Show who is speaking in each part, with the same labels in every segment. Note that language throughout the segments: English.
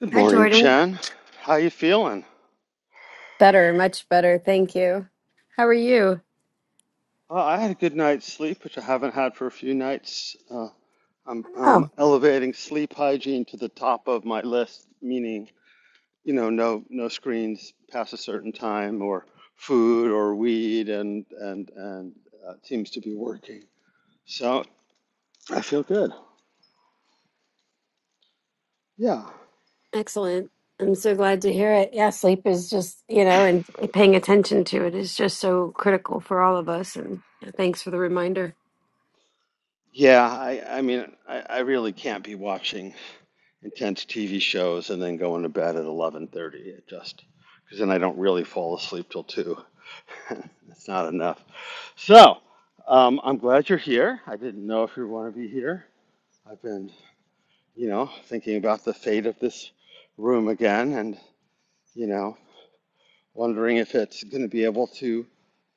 Speaker 1: Good
Speaker 2: Hi,
Speaker 1: morning,
Speaker 2: Jordan.
Speaker 1: Chen. How you feeling?
Speaker 2: Better, much better. Thank you. How are you?
Speaker 1: Uh, I had a good night's sleep, which I haven't had for a few nights. Uh, I'm, I'm
Speaker 2: Oh,
Speaker 1: elevating sleep hygiene to the top of my list, meaning you know no no screens past a certain time, or food or weed, and and and uh, it seems to be working. So I feel good. Yeah,
Speaker 2: Excellent. I'm so glad to hear it. Yeah, sleep is just, you know, and paying attention to it is just so critical for all of us. And yeah, thanks for the reminder.
Speaker 1: yeah. I I mean I, I really can't be watching. intense TV shows and then going to bed at 11:30. It just because then I don't really fall asleep till two. it's not enough. So um, I'm glad you're here. I didn't know if you want to be here. I've been, you know, thinking about the fate of this room again, and you know, wondering if it's going to be able to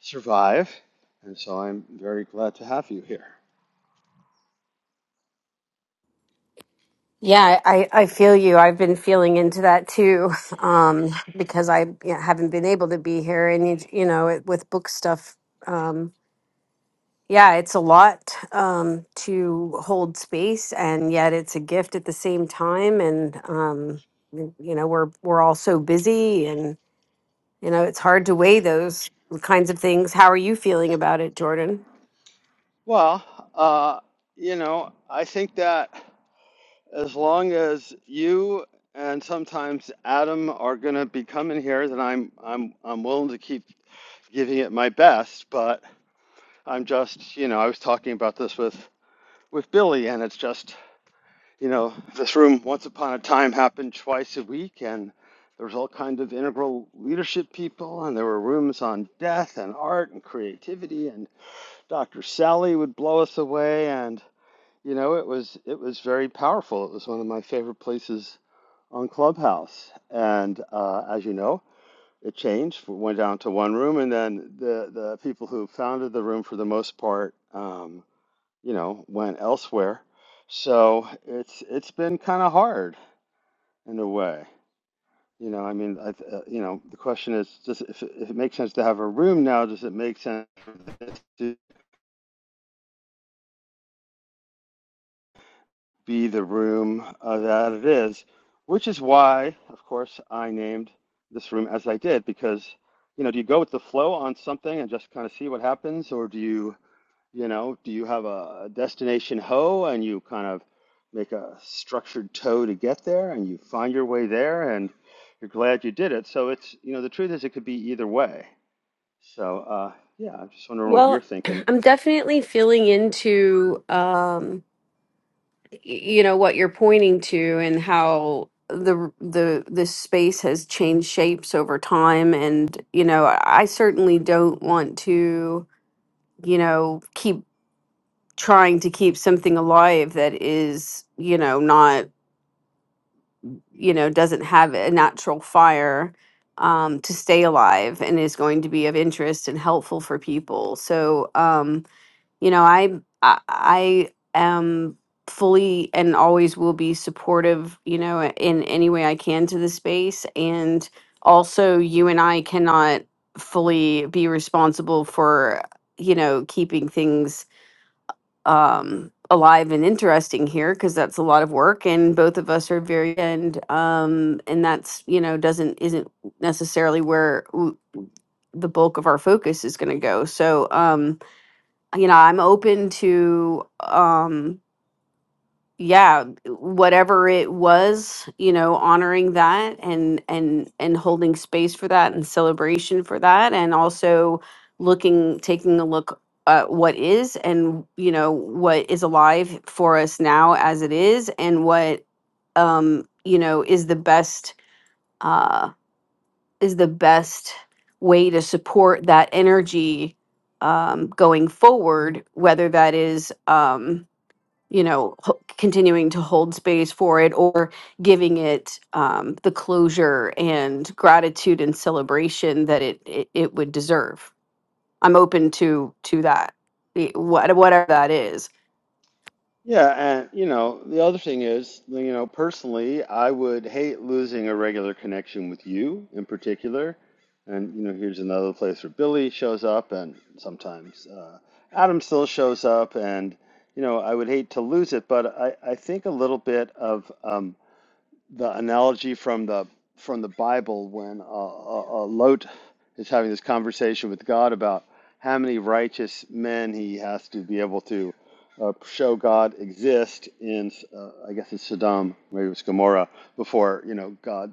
Speaker 1: survive. And so I'm very glad to have you here.
Speaker 2: yeah, I, I feel you. I've been feeling into that too, um, because I you know, haven't been able to be here, and you, you know, it, with book stuff. Um, Yeah, it's a lot um, to hold space, and yet it's a gift at the same time. And um, y- you know, we're we're all so busy, and you know, it's hard to weigh those kinds of things. How are you feeling about it, Jordan?
Speaker 1: Well, uh, you know, I think that. As long as you and sometimes Adam are going to be coming here, then I'm I'm I'm willing to keep giving it my best. But I'm just, you know, I was talking about this with with Billy, and it's just, you know, this room once upon a time happened twice a week, and there was all kind of integral leadership people, and there were rooms on death and art and creativity, and Dr. Sally would blow us away, and you know, it was it was very powerful. It was one of my favorite places on Clubhouse. And uh, as you know, it changed, We went down to one room, and then the, the people who founded the room, for the most part, um, you know, went elsewhere. So it's it's been kind of hard in a way. You know, I mean, I, uh, you know, the question is, does it, if, it, if it makes sense to have a room now, does it make sense to? be the room uh, that it is, which is why, of course, I named this room as I did because, you know, do you go with the flow on something and just kind of see what happens, or do you, you know, do you have a destination hoe and you kind of make a structured toe to get there and you find your way there and you're glad you did it. So it's, you know, the truth is it could be either way. So uh, yeah, I'm just wondering what you're
Speaker 2: Well,
Speaker 1: thinking.
Speaker 2: I'm definitely feeling into um, y- you know what you're pointing to and how the r- the the space has changed shapes over time and you know I certainly don't want to you know keep trying to keep something alive that is you know not you know doesn't have a natural fire um, to stay alive and is going to be of interest and helpful for people so um you know i i, I am fully and always will be supportive you know in any way i can to the space and also you and i cannot fully be responsible for you know keeping things um, alive and interesting here because that's a lot of work and both of us are very and um, and that's you know doesn't isn't necessarily where w- the bulk of our focus is going to go so um you know i'm open to um yeah whatever it was you know honoring that and and and holding space for that and celebration for that and also looking taking a look at what is and you know what is alive for us now as it is and what um you know is the best uh is the best way to support that energy um going forward whether that is um you know, ho- continuing to hold space for it or giving it um, the closure and gratitude and celebration that it, it, it would deserve. I'm open to to that, eh, what- whatever that is.
Speaker 1: Yeah, and you know, the other thing is, you know, personally, I would hate losing a regular connection with you in particular. And you know, here's another place where Billy shows up, and sometimes uh, Adam still shows up, and you know, I would hate to lose it, but I, I think a little bit of. um, the analogy from the from the Bible when uh, uh, uh, Lot is having this conversation with God about how many righteous men he has to be able to uh, show God exist in, uh, I guess it's Sodom, maybe it was Gomorrah, before you know God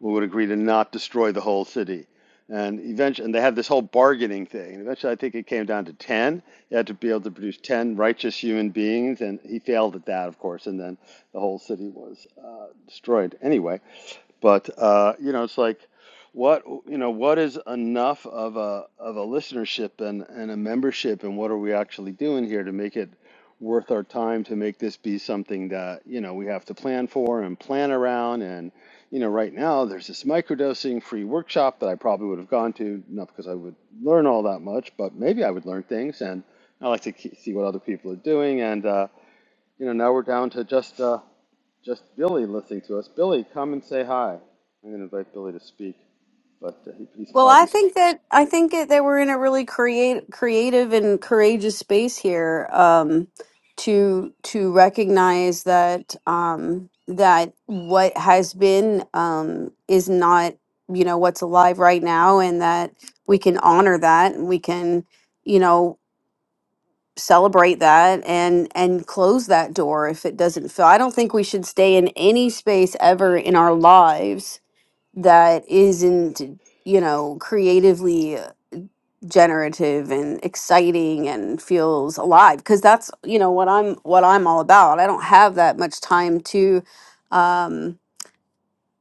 Speaker 1: would agree to not destroy the whole city. And eventually, and they had this whole bargaining thing. And eventually, I think it came down to 10. You had to be able to produce 10 righteous human beings, and he failed at that, of course. And then the whole city was uh, destroyed anyway. But uh, you know, it's like, what you know, what is enough of a of a listenership and and a membership, and what are we actually doing here to make it worth our time to make this be something that you know we have to plan for and plan around and you know, right now there's this microdosing free workshop that I probably would have gone to, not because I would learn all that much, but maybe I would learn things. And I like to ke- see what other people are doing. And uh, you know, now we're down to just uh, just Billy listening to us. Billy, come and say hi. I'm going to invite Billy to speak, but uh, he, he's
Speaker 2: Well, I
Speaker 1: probably
Speaker 2: think that I think that, that we're in a really create, creative and courageous space here um, to to recognize that um, that what has been um, is not you know what's alive right now, and that we can honor that and we can you know celebrate that and and close that door if it doesn't feel. I don't think we should stay in any space ever in our lives that isn't you know creatively generative and exciting and feels alive because that's you know what i'm what i'm all about i don't have that much time to um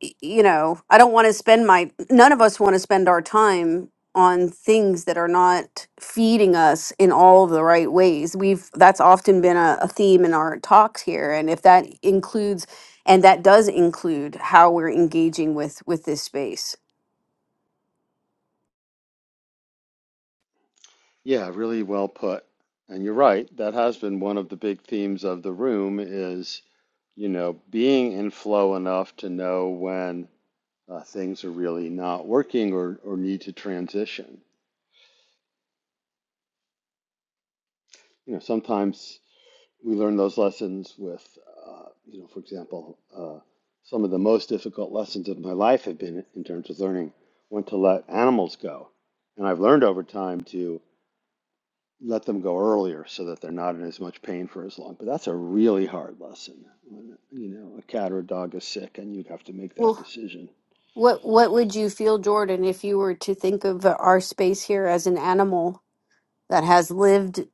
Speaker 2: y- you know i don't want to spend my none of us want to spend our time on things that are not feeding us in all of the right ways we've that's often been a, a theme in our talks here and if that includes and that does include how we're engaging with with this space
Speaker 1: yeah, really well put. And you're right. That has been one of the big themes of the room is you know being in flow enough to know when uh, things are really not working or, or need to transition. You know, sometimes we learn those lessons with, uh, you know, for example, uh, some of the most difficult lessons of my life have been in terms of learning when to let animals go. And I've learned over time to let them go earlier so that they're not in as much pain for as long. But that's a really hard lesson when, you know, a cat or a dog is sick and you have to make that decision.
Speaker 2: What what would you feel, Jordan, if you were to think of our space here as an animal that has lived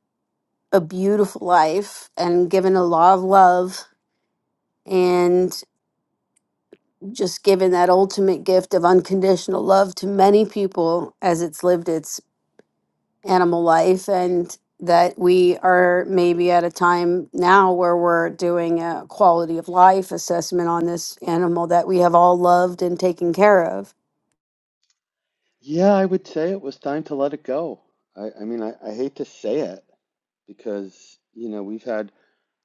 Speaker 2: a beautiful life and given a lot of love and just given that ultimate gift of unconditional love to many people as it's lived its animal life and that we are maybe at a time now where we're doing a quality of life assessment on this animal that we have all loved and taken care of
Speaker 1: Yeah, I would say it was time to let it go. I, I mean, I, I hate to say it, because you know we've had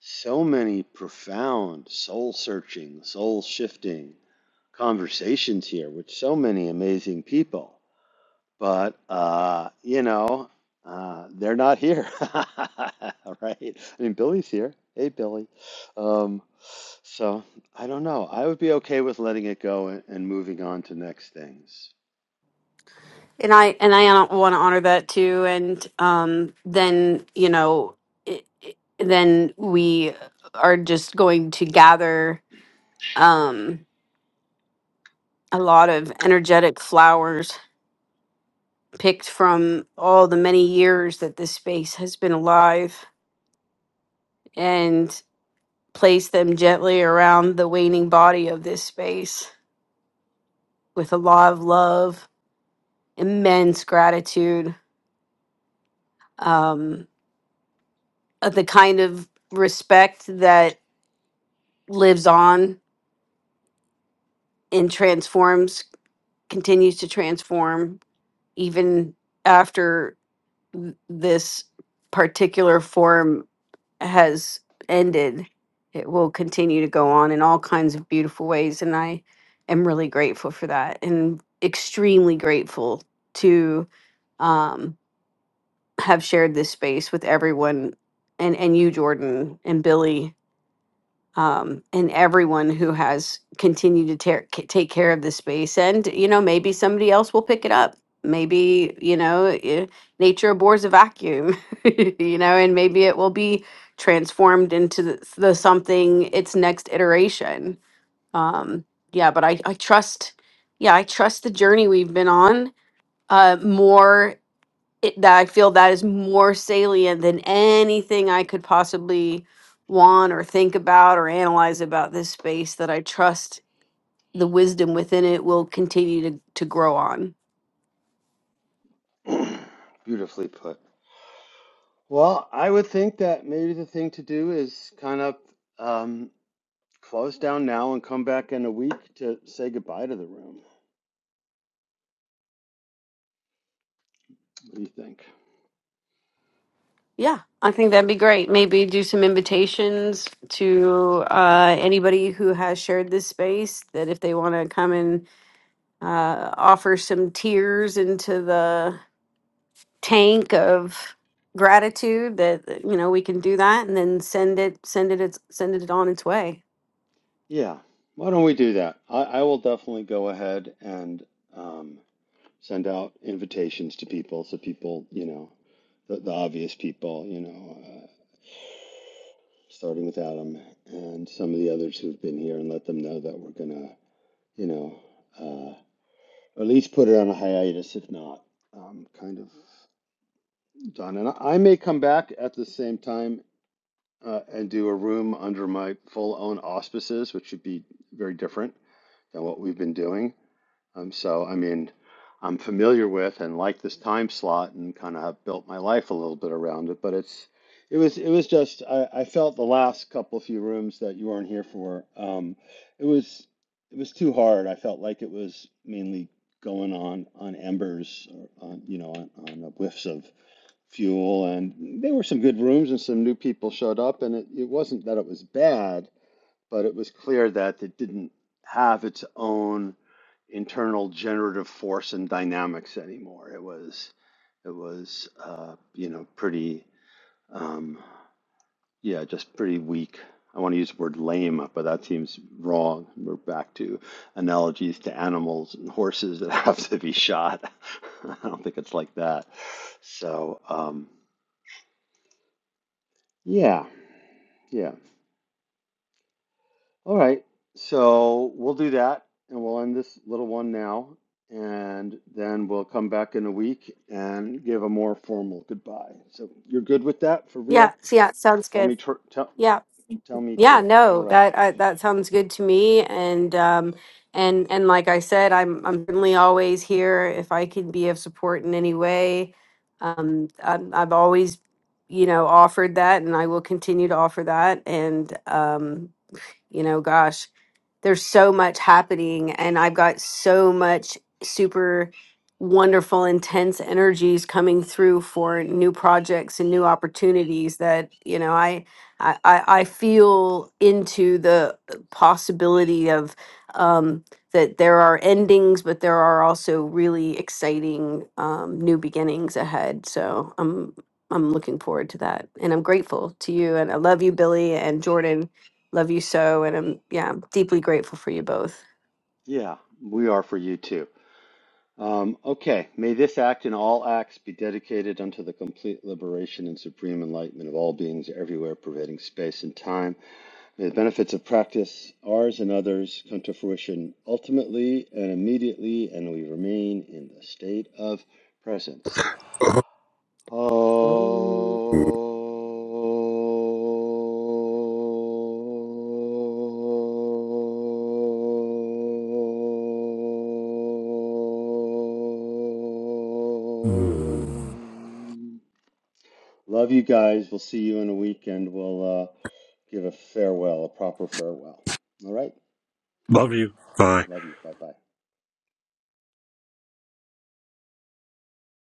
Speaker 1: so many profound soul searching soul shifting conversations here with so many amazing people but uh you know uh they're not here right i mean billy's here hey billy um so i don't know i would be okay with letting it go and, and moving on to next things
Speaker 2: and i and i want to honor that too and um then you know it, it- then we are just going to gather um a lot of energetic flowers picked from all the many years that this space has been alive and place them gently around the waning body of this space with a lot of love immense gratitude um uh, the kind of respect that lives on and transforms continues to transform even after th- this particular form has ended it will continue to go on in all kinds of beautiful ways and i am really grateful for that and extremely grateful to um, have shared this space with everyone and and you jordan and billy um, and everyone who has continued to tear, ca- take care of the space. And, you know, maybe somebody else will pick it up. Maybe, you know, i- nature abhors a vacuum, you know, and maybe it will be transformed into the, the something its next iteration. Um, yeah, but I, I trust, yeah, I trust the journey we've been on uh, more it, that I feel that is more salient than anything I could possibly want or think about or analyze about this space that I trust the wisdom within it will continue to, to grow on.
Speaker 1: beautifully put Well, I would think that maybe the thing to do is kind of um, close down now and come back in a week to say goodbye to the room. What do you think?
Speaker 2: Yeah, I think that'd be great. Maybe do some invitations to uh, anybody who has shared this space that if they want to come and uh, offer some tears into the tank of gratitude that that, you know we can do that and then send it send it its send it on its way
Speaker 1: Yeah, why don't we do that? I, I will definitely go ahead and um, send out invitations to people so people, you know, the, the obvious people, you know, uh, starting with Adam and some of the others who've been here and let them know that we're gonna, you know, uh, at least put it on a hiatus, if not, um, kind of. done. And I may come back at the same time uh, and do a room under my full own auspices, which should be very different than what we've been doing. Um, so, I mean, I'm familiar with and like this time slot and kind of have built my life a little bit around it. But it's it was it was just I, I felt the last couple few rooms that you weren't here for. Um, it was it was too hard. I felt like it was mainly going on on embers, or on you know on, on whiffs of fuel and there were some good rooms and some new people showed up and it, it wasn't that it was bad but it was clear that it didn't have its own internal generative force and dynamics anymore it was it was uh, you know pretty um, yeah just pretty weak i want to use the word lame but that seems wrong we're back to analogies to animals and horses that have to be shot i don't think it's like that so um, yeah Yeah. All right. So we'll do that and we'll end this little one now. And then we'll come back in a week and give a more formal goodbye. So you're good with that for
Speaker 2: yeah
Speaker 1: real?
Speaker 2: so yeah it sounds
Speaker 1: Tell
Speaker 2: good
Speaker 1: me true. Tell,
Speaker 2: yeah
Speaker 1: tell me
Speaker 2: yeah
Speaker 1: true. All
Speaker 2: no
Speaker 1: right.
Speaker 2: that I, that sounds good to me and um and and like i said i'm i'm certainly always here if i can be of support in any way um I'm, i've always you know offered that and i will continue to offer that and um You know, gosh, there's so much happening and I've got so much super wonderful intense energies coming through for new projects and new opportunities that you know I I I I feel into the possibility of um that there are endings but there are also really exciting um new beginnings ahead so I'm I'm looking forward to that and I'm grateful to you and I love you Billy and Jordan love you so and i'm yeah I'm deeply grateful for you both
Speaker 1: Yeah, we are for you too. Um, okay. May this act and all acts be dedicated unto the complete liberation and supreme enlightenment of all beings everywhere, pervading space and time. The benefits of practice, ours and others, come to fruition ultimately and immediately, and we remain in the state of presence. Om.
Speaker 2: Mm.
Speaker 1: Love you guys. We'll see you in a week and we'll uh, give a farewell, a proper farewell. All right.
Speaker 3: Love you. Bye.
Speaker 1: Love you. Bye bye.